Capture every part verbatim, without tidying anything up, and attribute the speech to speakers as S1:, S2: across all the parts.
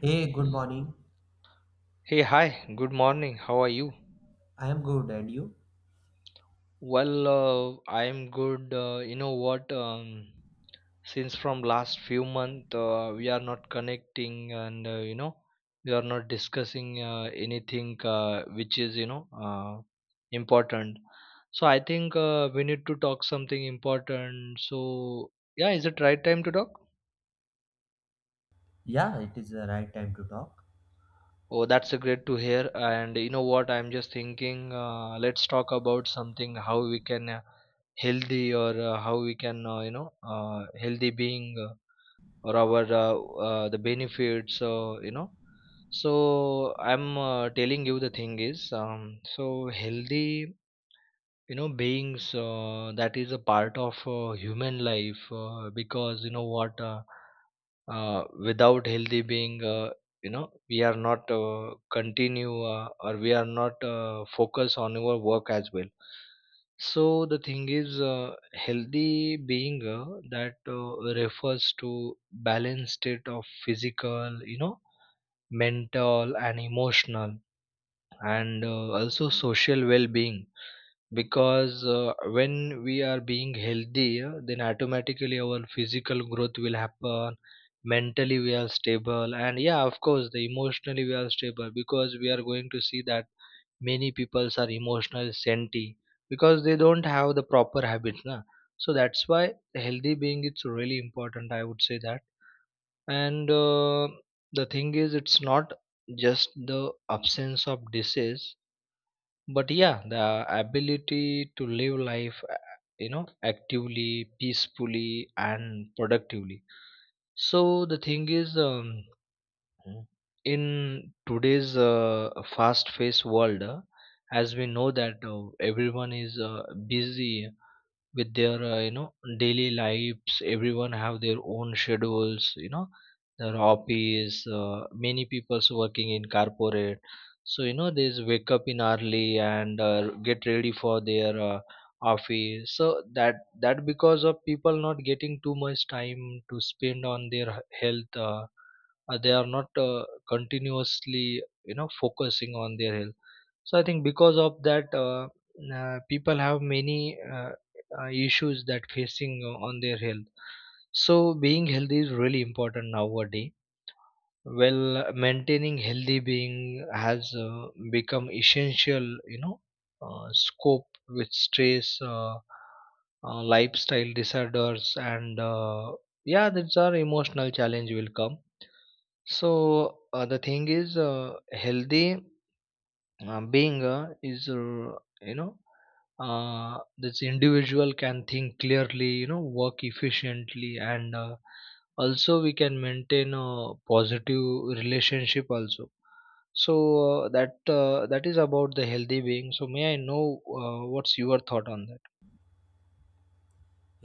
S1: Hey, good morning.
S2: Hey, hi, good morning. How are you?
S1: I am good, and you?
S2: Well, uh, I'm good. Uh, you know what? Um, since from last few month, uh, we are not connecting, and uh, you know, we are not discussing uh, anything uh, which is you know uh, important. So I think uh, we need to talk something important. So yeah, is it right time to talk?
S1: Yeah, it is the right time to talk.
S2: Oh, that's a great to hear. And you know what? I'm just thinking, uh, let's talk about something how we can. Uh, healthy or uh, how we can uh, you know uh, healthy being uh, or our uh, uh, the benefits uh, you know so I'm uh, telling you the thing is um, so healthy you know beings uh, that is a part of uh, human life uh, because you know what uh, uh, without healthy being uh, you know we are not uh, continue uh, or we are not uh, focus on our work as well. So the thing is uh, healthy being uh, that uh, refers to balanced state of physical, you know, mental and emotional, and uh, also social well-being, because uh, when we are being healthy uh, then automatically our physical growth will happen, mentally we are stable, and yeah of course the emotionally we are stable because we are going to see that many peoples are emotional senti because they don't have the proper habits na. So that's why healthy being it's really important, I would say that. And uh, the thing is it's not just the absence of disease but yeah the ability to live life uh, you know actively, peacefully and productively. So the thing is um, in today's uh, fast paced world uh, as we know that uh, everyone is uh, busy with their uh, you know daily lives. Everyone have their own schedules, you know, their hobbies. Uh, many people's working in corporate, so you know they wake up in early, and uh, get ready for their uh, office, so that that because of people not getting too much time to spend on their h- health. Uh, uh, they are not uh, continuously you know focusing on their health. So I think because of that uh, uh, people have many uh, uh, issues that facing uh, on their health. So being healthy is really important nowadays. Well, maintaining healthy being has uh, become essential, you know, uh, scope with stress, uh, uh, lifestyle disorders, and uh, yeah that's our emotional challenge will come. So uh, the thing is uh, healthy uh, being a is uh, you know uh, this individual can think clearly, you know, work efficiently, and uh, also we can maintain a positive relationship also. So uh, that uh, that is about the healthy being. So may I know uh, what's your thought on that?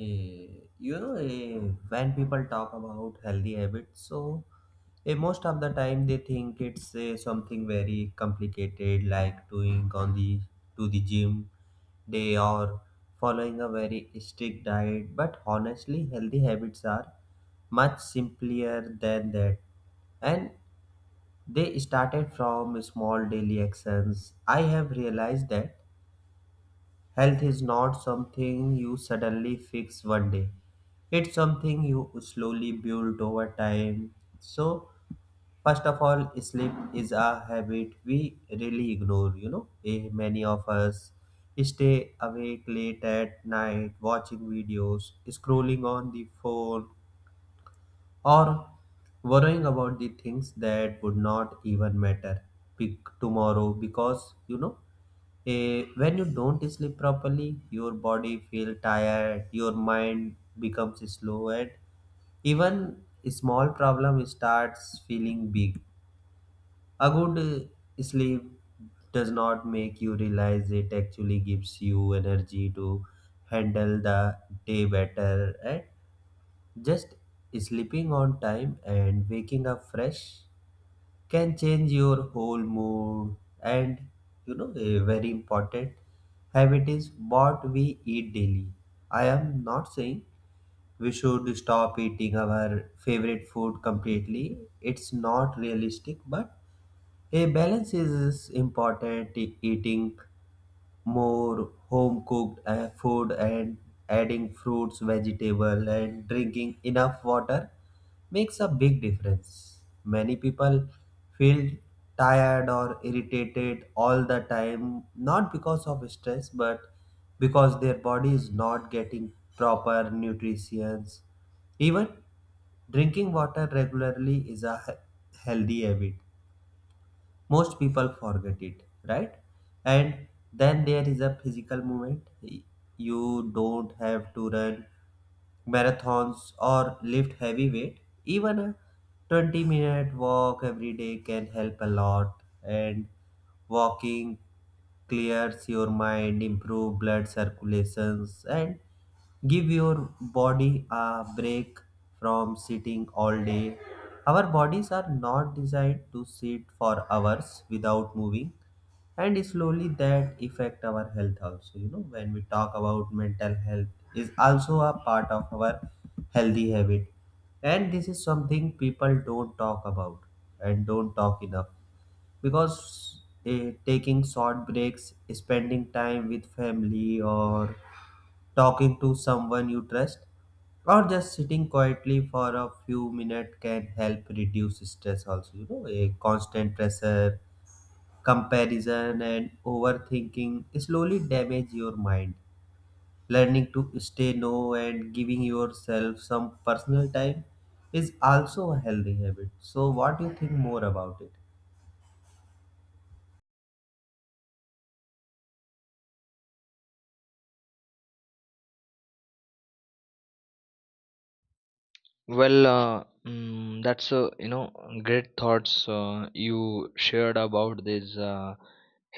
S1: Hey, you know, eh, when people talk about healthy habits, so eh, most of the time they think it's eh, something very complicated, like doing on the to the gym day or following a very strict diet. But honestly, healthy habits are much simpler than that, and they started from small daily actions. I have realized that health is not something you suddenly fix one day. It's something you slowly build over time. So, first of all, sleep is a habit we really ignore, you know. Eh, Many of us stay awake late at night watching videos, scrolling on the phone, or worrying about the things that would not even matter pic- tomorrow because, you know, Eh, when you don't sleep properly, your body feel tired, your mind becomes slow, and even small problem starts feeling big. A good eh, sleep does not make you realize it actually gives you energy to handle the day better, and just sleeping on time and waking up fresh can change your whole mood. And you know, a very important habit is what we eat daily. I am not saying we should stop eating our favorite food completely, it's not realistic, but a balance is important. E- eating more home cooked uh, food and adding fruits, vegetable and drinking enough water makes a big difference. Many people feel tired or irritated all the time not because of stress but because their body is not getting proper nutrition. Even drinking water regularly is a he- healthy habit, most people forget it, right? And then there is a physical movement. You don't have to run marathons or lift heavy weight, even a twenty minute walk every day can help a lot. And walking clears your mind, improve blood circulations, and give your body a break from sitting all day. Our bodies are not designed to sit for hours without moving, and slowly that affect our health also. You know, when we talk about mental health, is also a part of our healthy habit, and this is something people don't talk about and don't talk enough, because eh, taking short breaks, spending time with family, or talking to someone you trust, or just sitting quietly for a few minutes can help reduce stress. Also you know, a constant pressure, comparison and overthinking slowly damage your mind. Learning to stay no and giving yourself some personal time is also a healthy habit. So, what do you think more about it?
S2: Well, uh, mm, that's uh, you know great thoughts uh, you shared about this uh,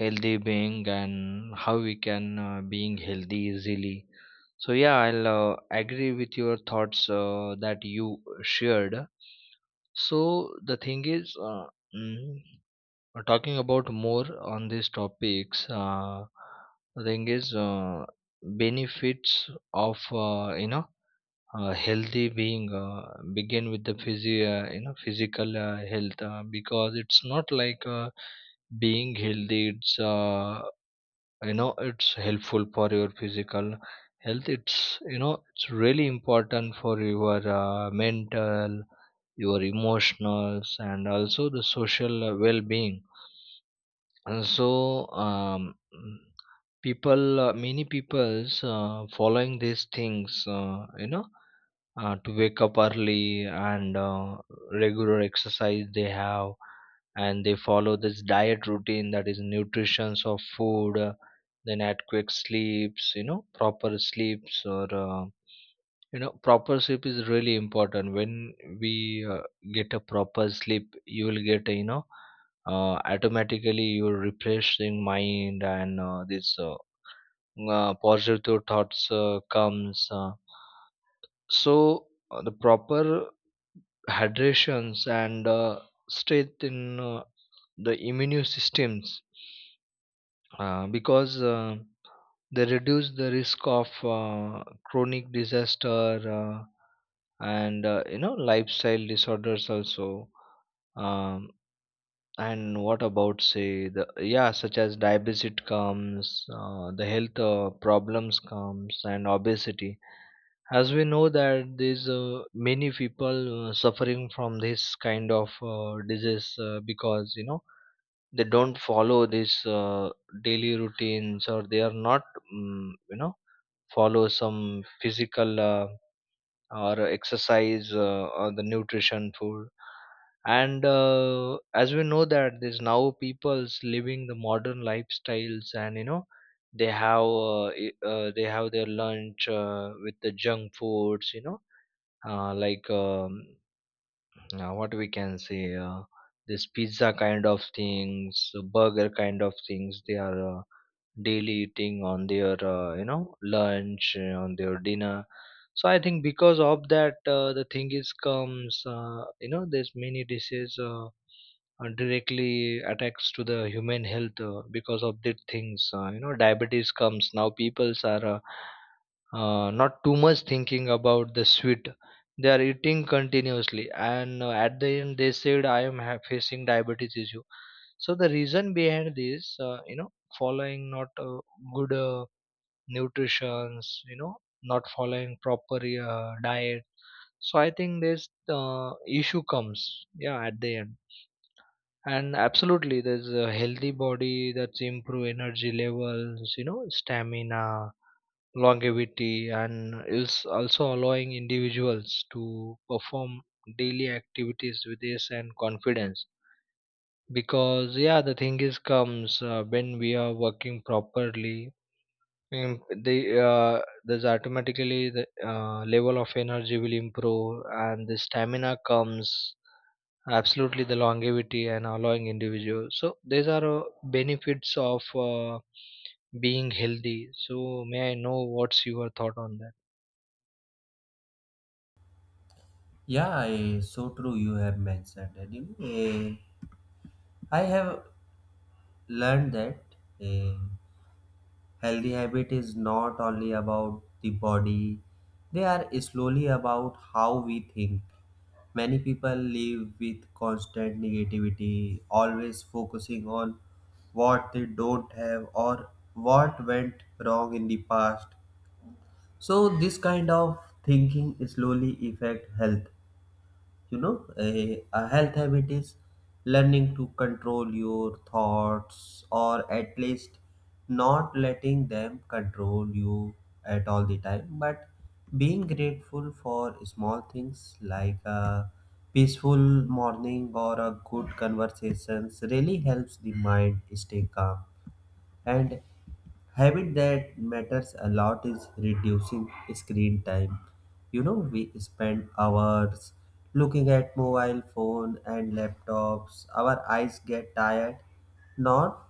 S2: healthy being, and how we can uh, being healthy easily. So yeah, I'll uh, agree with your thoughts uh, that you shared. So the thing is, uh, mm, uh, talking about more on these topics, uh, the thing is uh, benefits of uh, you know uh, healthy being uh, begin with the physio uh, you know physical uh, health uh, because it's not like uh, being healthy, it's uh, you know it's helpful for your physical health. It's you know it's really important for your uh, mental, your emotionals, and also the social uh, well-being. And so um, people uh, many people's uh, following these things, uh, you know uh, to wake up early, and uh, regular exercise they have, and they follow this diet routine, that is nutritions of food. Uh, then adequate sleeps, you know proper sleeps, or uh, you know proper sleep is really important. When we uh, get a proper sleep, you will get a, you know, uh, automatically your refreshing mind, and uh, this uh, uh, positive thoughts uh, comes. Uh, so uh, the proper hydrations, and uh, strengthen uh, the immune systems, uh, because uh, they reduce the risk of uh, chronic disaster, uh, and uh, you know lifestyle disorders also. um, and what about say the, yeah, such as diabetes comes, uh, the health uh, problems comes, and obesity. As we know that there's uh, many people uh, suffering from this kind of uh, disease, uh, because you know they don't follow these uh, daily routines, or they are not, um, you know, follow some physical uh, or exercise uh, or the nutrition food. And uh, as we know that there's now people's living the modern lifestyles, and you know they have uh, i- uh, they have their lunch uh, with the junk foods, you know, uh, like um, uh, what we can say, uh, this pizza kind of things, burger kind of things, they are uh, daily eating on their uh, you know lunch, uh, on their dinner. So I think because of that uh, the thing is comes, uh, you know there's many dishes uh, uh, directly attacks to the human health uh, because of these things. Uh, you know diabetes comes. Now peoples are uh, uh, not too much thinking about the sweet, they are eating continuously, and uh, at the end they said I am ha- facing diabetes issue. So the reason behind this, uh, you know, following not uh, good uh, nutritions, you know, not following proper uh, diet. So I think this uh, issue comes, yeah, at the end. And absolutely, there's a healthy body that's improve energy levels, you know, stamina, longevity, and is also allowing individuals to perform daily activities with this and confidence. Because yeah, the thing is comes uh, when we are working properly, um, they uh, there's automatically the uh, level of energy will improve, and the stamina comes, absolutely the longevity, and allowing individual. So these are uh, benefits of uh, being healthy. So may I know what's your thought on that?
S1: Yeah, eh, so true. You have mentioned that. You know, eh, I have learned that. eh, Healthy habit is not only about the body, they are slowly about how we think. Many people live with constant negativity, always focusing on what they don't have or what went wrong in the past. So this kind of thinking slowly affect health. You know, a, a health habit is learning to control your thoughts, or at least not letting them control you at all the time, but being grateful for small things like a peaceful morning or a good conversations really helps the mind stay calm. And habit that matters a lot is reducing screen time. You know, we spend hours looking at mobile phone and laptops. Our eyes get tired, not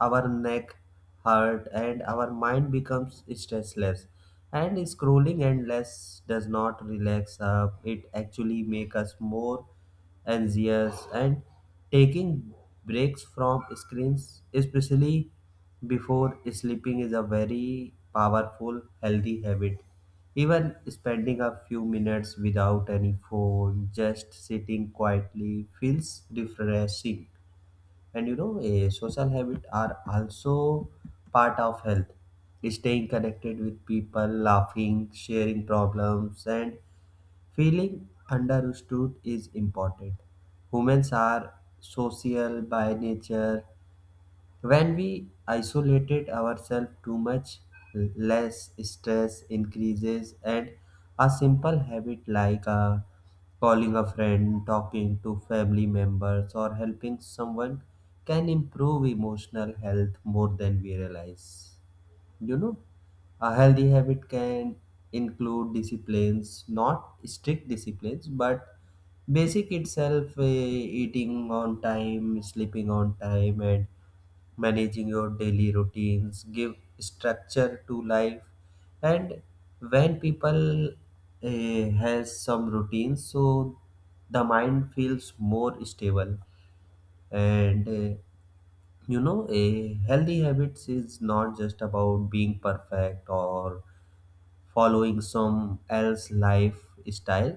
S1: our neck hurt, and our mind becomes stressless. And scrolling endless does not relax up. It actually makes us more anxious. And taking breaks from screens, especially before sleeping, is a very powerful healthy habit. Even spending a few minutes without any phone, just sitting quietly feels refreshing. And you know, a social habit are also part of health. Staying connected with people, laughing, sharing problems and feeling understood is important. Humans are social by nature. When we isolated ourselves too much, l- less stress increases, and a simple habit like uh, calling a friend, talking to family members, or helping someone can improve emotional health more than we realize. You know, a healthy habit can include disciplines, not strict disciplines, but basic itself uh, eating on time, sleeping on time, and managing your daily routines, give structure to life. And when people uh, has some routines, so the mind feels more stable. And uh, you know, a healthy habits is not just about being perfect or following some else lifestyle.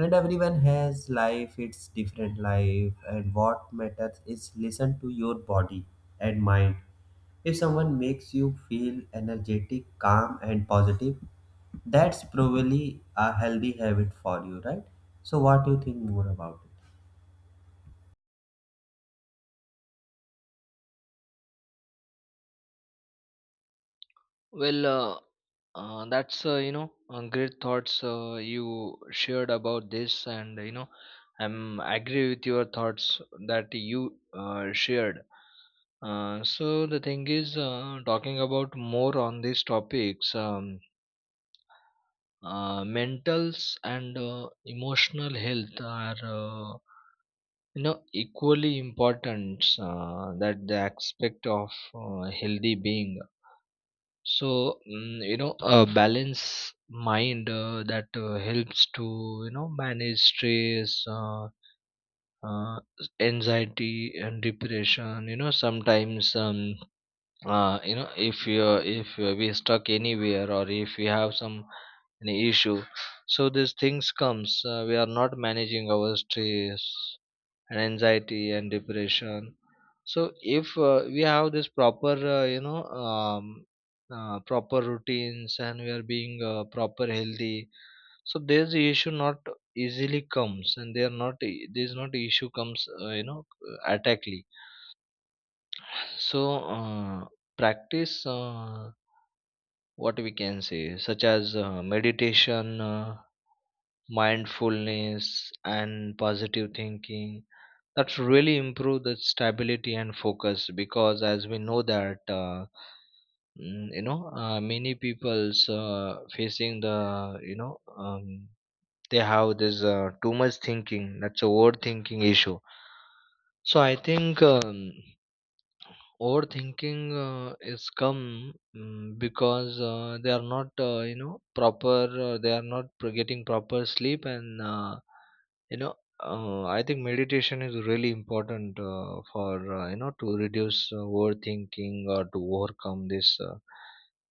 S1: Not everyone has life, it's different life, and what matters is listen to your body and mind. If someone makes you feel energetic, calm and positive, that's probably a healthy habit for you, right? So what do you think more about it?
S2: Well, uh, uh, that's uh, you know uh, great thoughts uh, you shared about this, and you know I'm agree with your thoughts that you uh, shared. Uh, so the thing is, uh, talking about more on these topics. Um, uh, mentals and uh, emotional health are uh, you know equally important uh, that the aspect of uh, healthy being. So mm, you know a balanced mind uh, that uh, helps to you know manage stress, uh, uh, anxiety and depression. You know sometimes um, uh, you know if you if we are stuck anywhere, or if we have some any issue, so these things comes uh, we are not managing our stress and anxiety and depression. So if uh, we have this proper uh, you know um, uh, proper routines and we are being uh, proper healthy, so there's the issue not easily comes, and they are not e- there's not issue comes uh, you know attackly. So uh, practice uh, what we can say such as uh, meditation, uh, mindfulness and positive thinking, that's really improve the stability and focus. Because as we know that uh, mm, you know uh, many people's uh, facing the, you know, um, they have this uh, too much thinking, that's a overthinking issue. So I think um, overthinking uh, is come, mm, because uh, they are not, uh, you know, proper. Uh, they are not pro- getting proper sleep, and uh, you know, uh, I think meditation is really important uh, for uh, you know to reduce uh, overthinking or to overcome this uh,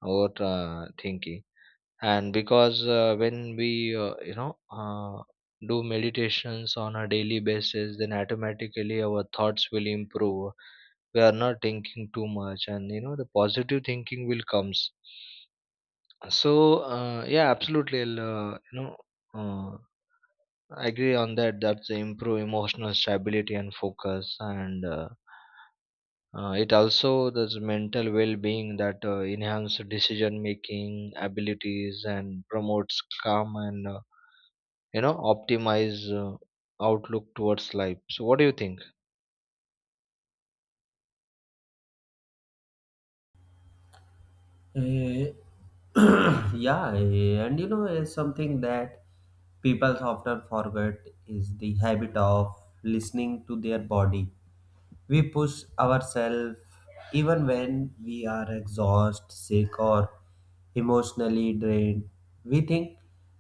S2: over uh, thinking. And because uh, when we uh, you know uh, do meditations on a daily basis, then automatically our thoughts will improve, we are not thinking too much, and you know the positive thinking will comes. So uh, yeah absolutely I'll, uh, you know uh, I agree on that, that's the improve emotional stability and focus, and uh, uh, it also does mental well-being that uh, enhance decision-making abilities and promotes calm, and uh, you know optimize uh, outlook towards life. So, what do you think?
S1: Eh, yeah, eh, and you know, eh, something that people often forget is the habit of listening to their body. We push ourselves even when we are exhausted, sick, or emotionally drained. We think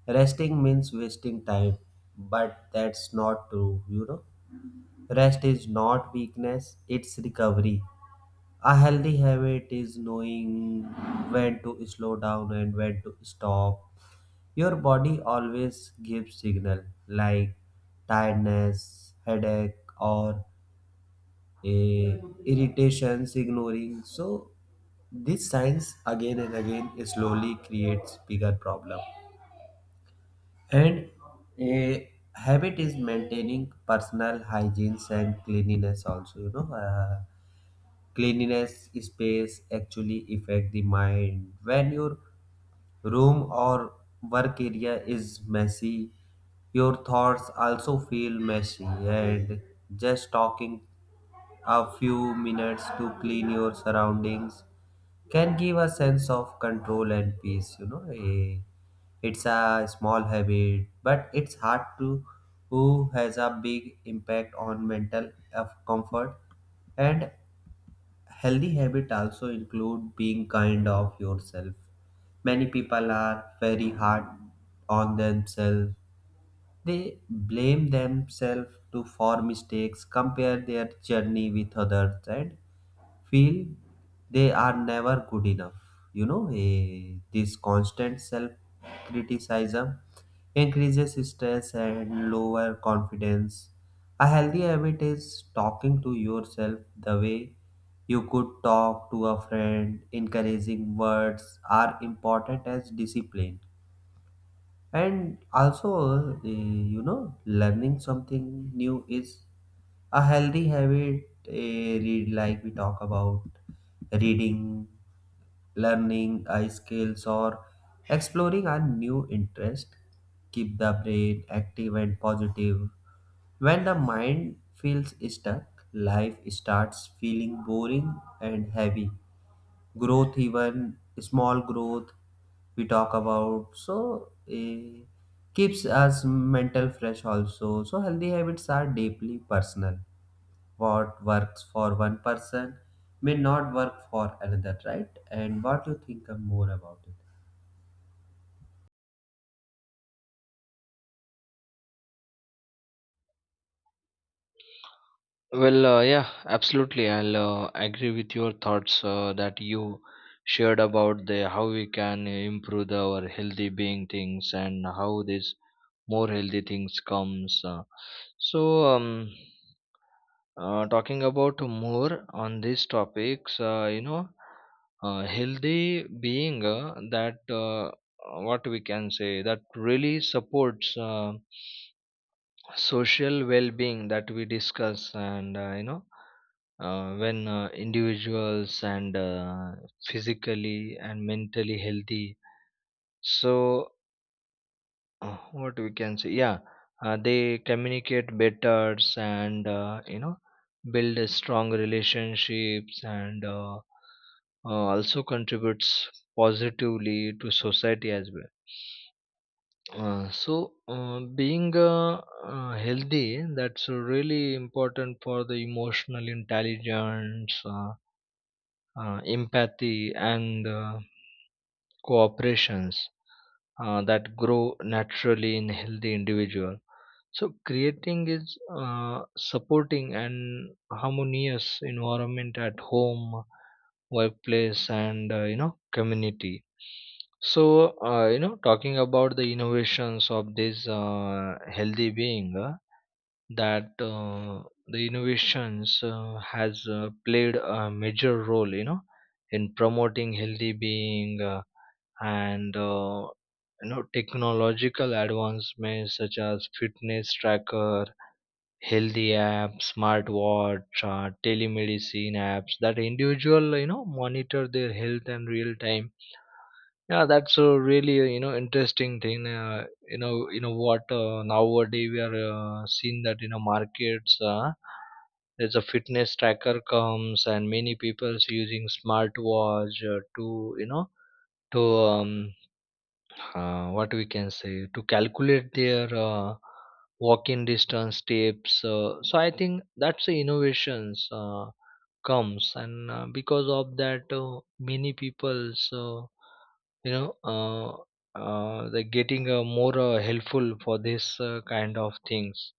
S1: resting means wasting time, but that's not true, you know. Rest is not weakness, it's recovery. A healthy habit is knowing when to slow down and when to stop. Your body always gives signal like tiredness, headache, or a irritations ignoring. So these signs again and again slowly creates bigger problem. And a habit is maintaining personal hygiene and cleanliness also. You know. Uh, cleanliness space actually affect the mind. When your room or work area is messy, your thoughts also feel messy. And just talking a few minutes to clean your surroundings can give a sense of control and peace, you know. Eh, it's a small habit but it's hard to who has a big impact on mental of comfort. And healthy habit also include being kind of yourself. Many people are very hard on themselves. They blame themselves to for mistakes, compare their journey with others, and feel they are never good enough. You know, eh, this constant self criticism increases stress and lower confidence. A healthy habit is talking to yourself the way you could talk to a friend. Encouraging words are important as discipline. And also, uh, you know, learning something new is a healthy habit. A read like we talk about reading, learning uh, skills, or exploring a new interest. Keep the brain active and positive. When the mind feels stuck, life starts feeling boring and heavy. Growth, even small growth we talk about, so eh, keeps us mental fresh also. So healthy habits are deeply personal, what works for one person may not work for another, right? And what you think of more about it?
S2: Well, uh, yeah, absolutely. I'll uh, agree with your thoughts uh, that you shared about the how we can improve the- our healthy being things, and how this more healthy things comes. Uh, so, um, Uh, talking about more on these topics, uh, you know, uh, healthy being uh, that uh, what we can say, that really supports uh, social well-being that we discuss, and uh, you know, uh, when uh, individuals and uh, physically and mentally healthy, so uh, what we can say, yeah, uh, they communicate better, and uh, you know build a strong relationships, and uh, uh, also contributes positively to society as well. Uh, so uh, being uh, uh, healthy, that's really important for the emotional intelligence, uh, uh, empathy, and uh, cooperations uh, that grow naturally in healthy individual. So creating is uh, supporting an harmonious environment at home, workplace, and uh, you know community. So uh, you know talking about the innovations of this uh, healthy being uh, that uh, the innovations uh, has uh, played a major role you know in promoting healthy being uh, and uh, you know technological advancements such as fitness tracker, healthy apps, smartwatch, uh, telemedicine apps that individual you know monitor their health in real time. Yeah, that's a really uh, you know interesting thing. Uh, you know you know what, uh, nowadays we are uh, seeing that you know markets uh, there's a fitness tracker comes and many people's using smartwatch uh, to you know to um, uh, what we can say to calculate their uh, walk-in distance steps. Uh, so I think that's the innovations uh, comes, and uh, because of that, uh, many people, so you know uh, uh, they're getting uh, more uh, helpful for this uh, kind of things.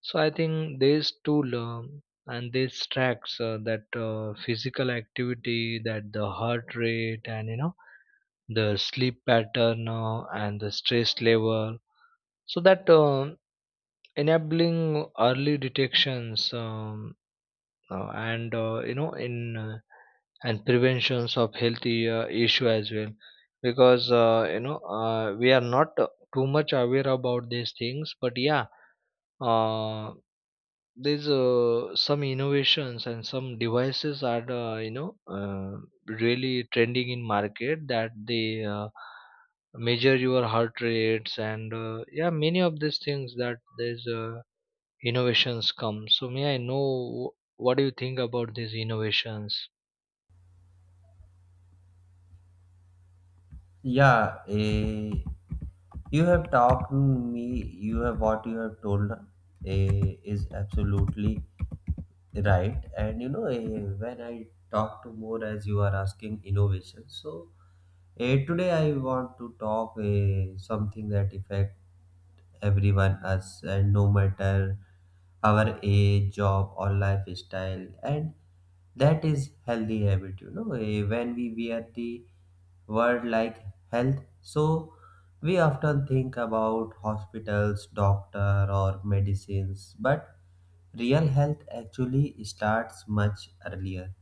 S2: So I think this tool um, and this tracks uh, that uh, physical activity, that the heart rate, and you know the sleep pattern uh, and the stress level, so that um enabling early detections, um, uh, and uh, you know in uh, and preventions of healthy uh, issue as well, because uh, you know uh, we are not uh, too much aware about these things. But yeah, uh, there's uh, some innovations and some devices are uh, you know uh, really trending in market, that they uh, measure your heart rates and uh, yeah, many of these things that there's uh, innovations come. So may I know, what do you think about these innovations?
S1: Yeah, eh, you have talked me, you have what you have told eh, is absolutely right. And you know, eh, when I talk to more as you are asking innovation, so eh, today I want to talk eh, something that affect everyone us, and no matter our age, job or lifestyle, and that is healthy habit. You know, eh, when we wear the word like health, so we often think about hospitals, doctor or medicines, but real health actually starts much earlier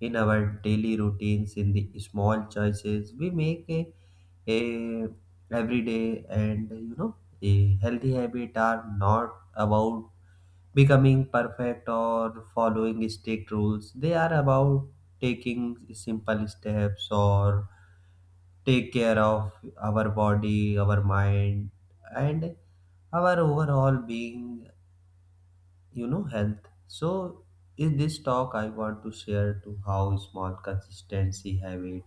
S1: in our daily routines, in the small choices we make a, a every day. And you know, a healthy habit are not about becoming perfect or following strict rules. They are about taking simple steps or take care of our body, our mind, and our overall being, you know, health. So in this talk I want to share to how small consistency habit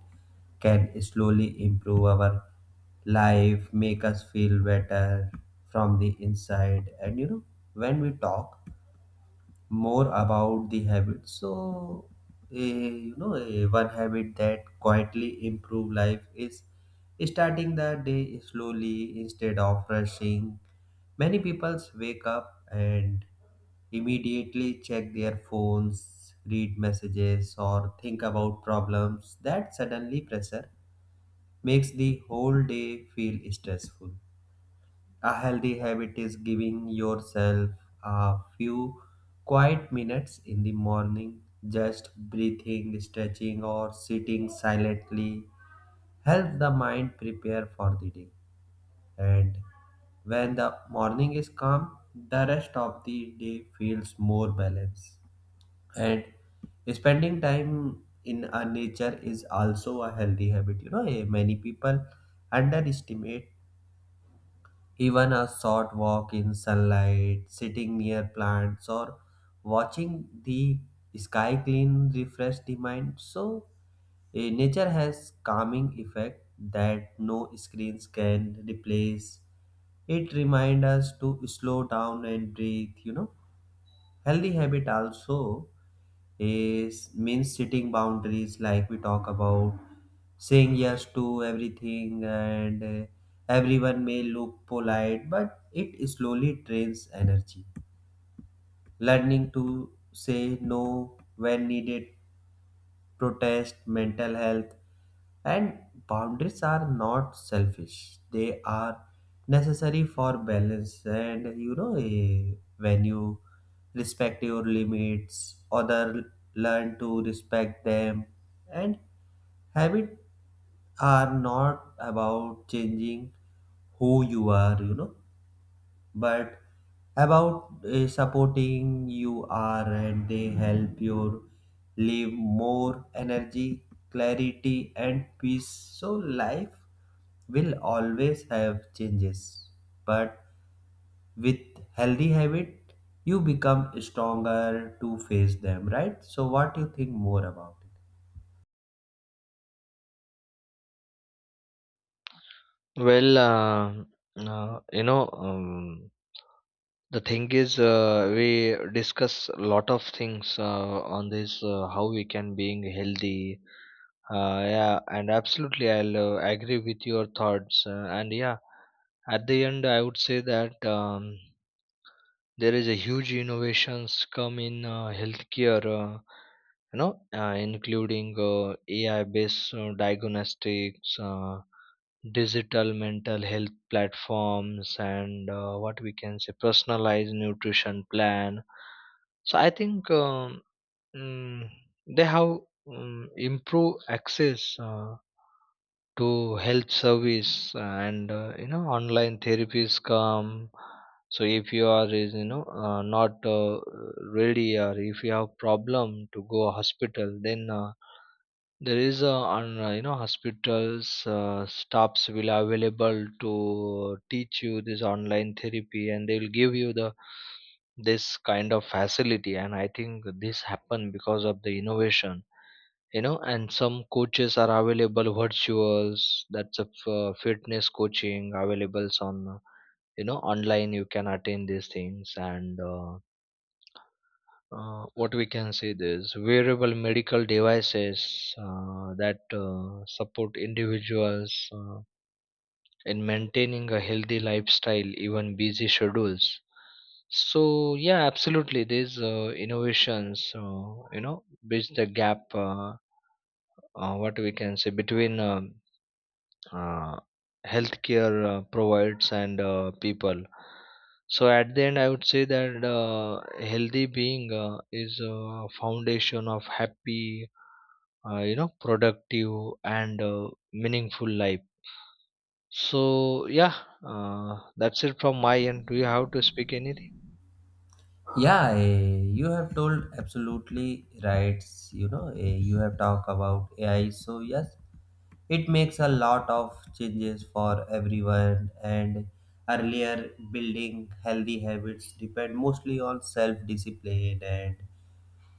S1: can slowly improve our life, make us feel better from the inside. And you know, when we talk more about the habits. So, a, you know, a, one habit that quietly improve life is starting the day slowly instead of rushing. Many people wake up and immediately check their phones, read messages, or think about problems. That suddenly pressure makes the whole day feel stressful. A healthy habit is giving yourself a few quiet minutes in the morning, just breathing, stretching, or sitting silently. Help the mind prepare for the day. And when the morning is calm, the rest of the day feels more balanced. And spending time in a nature is also a healthy habit. You know, eh, many people underestimate even a short walk in sunlight, sitting near plants, or watching the sky clean refresh the mind. So, eh, nature has calming effect that no screens can replace. It reminds us to slow down and breathe, you know. Healthy habit also is means setting boundaries like we talk about saying yes to everything, and uh, everyone may look polite but it slowly drains energy. Learning to say no when needed protest, mental health, and boundaries are not selfish. They are necessary for balance. And you know, eh, when you respect your limits, other learn to respect them. And habit are not about changing who you are. You know, but about uh, supporting you are, and they help you live more energy, clarity and peace. So life will always have changes, but with healthy habit you become stronger to face them, right? So what do you think more about it?
S2: Well, uh, uh, you know um, the thing is, uh, we discuss a lot of things uh, on this, uh, how we can being healthy. Uh, yeah, and absolutely, I'll uh, agree with your thoughts. Uh, and yeah, at the end, I would say that um, there is a huge innovations come in uh, healthcare. Uh, you know, uh, including uh, A I-based uh, diagnostics, uh, digital mental health platforms, and uh, what we can say personalized nutrition plan. So I think um, mm, they have um, improved access Uh, to health service, and uh, you know online therapies come. So if you are is you know uh, not uh, ready, or if you have problem to go hospital, then uh, there is a, on uh, you know hospitals uh, staffs will available to teach you this online therapy, and they will give you the, this kind of facility. And I think this happened because of the innovation, you know and some coaches are available virtuals. That's a f- uh, fitness coaching availables on, uh, you know online you can attend these things. And uh, uh, what we can say, this wearable medical devices uh, that uh, support individuals uh, in maintaining a healthy lifestyle, even busy schedules. So yeah, absolutely, these uh, innovations uh, you know bridge the gap uh, uh, what we can say between um, uh, healthcare uh, provides and uh, people. So at the end, I would say that uh, healthy being uh, is a foundation of happy, uh, you know, productive, and uh, meaningful life. So yeah, uh, that's it from my end. Do you have to speak anything?
S1: Yeah, eh, you have told absolutely right. You know, eh, you have talked about A I, so yes, it makes a lot of changes for everyone. And earlier building healthy habits depend mostly on self discipline and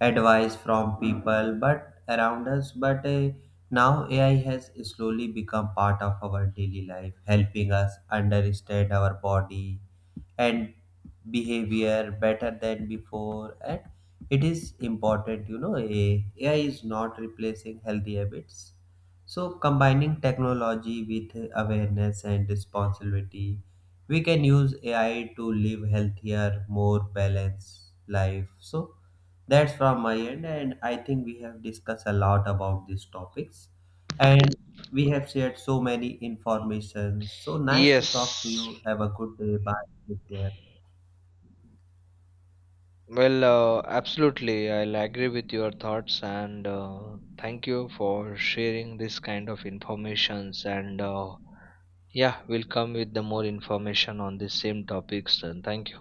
S1: advice from people but around us, but uh, now A I has slowly become part of our daily life, helping us understand our body and behavior better than before. And it is important, you know, A- AI is not replacing healthy habits, so combining technology with awareness and responsibility we can use A I to live healthier more balanced life. So that's from my end, and I think we have discussed a lot about these topics, and we have shared so many information. So nice to talk to
S2: Yes.
S1: you. Have a good day. Bye. Take care.
S2: Well, uh, absolutely, I'll agree with your thoughts, and uh, thank you for sharing this kind of informations. And uh, yeah, we'll come with the more information on this same topics. And thank you.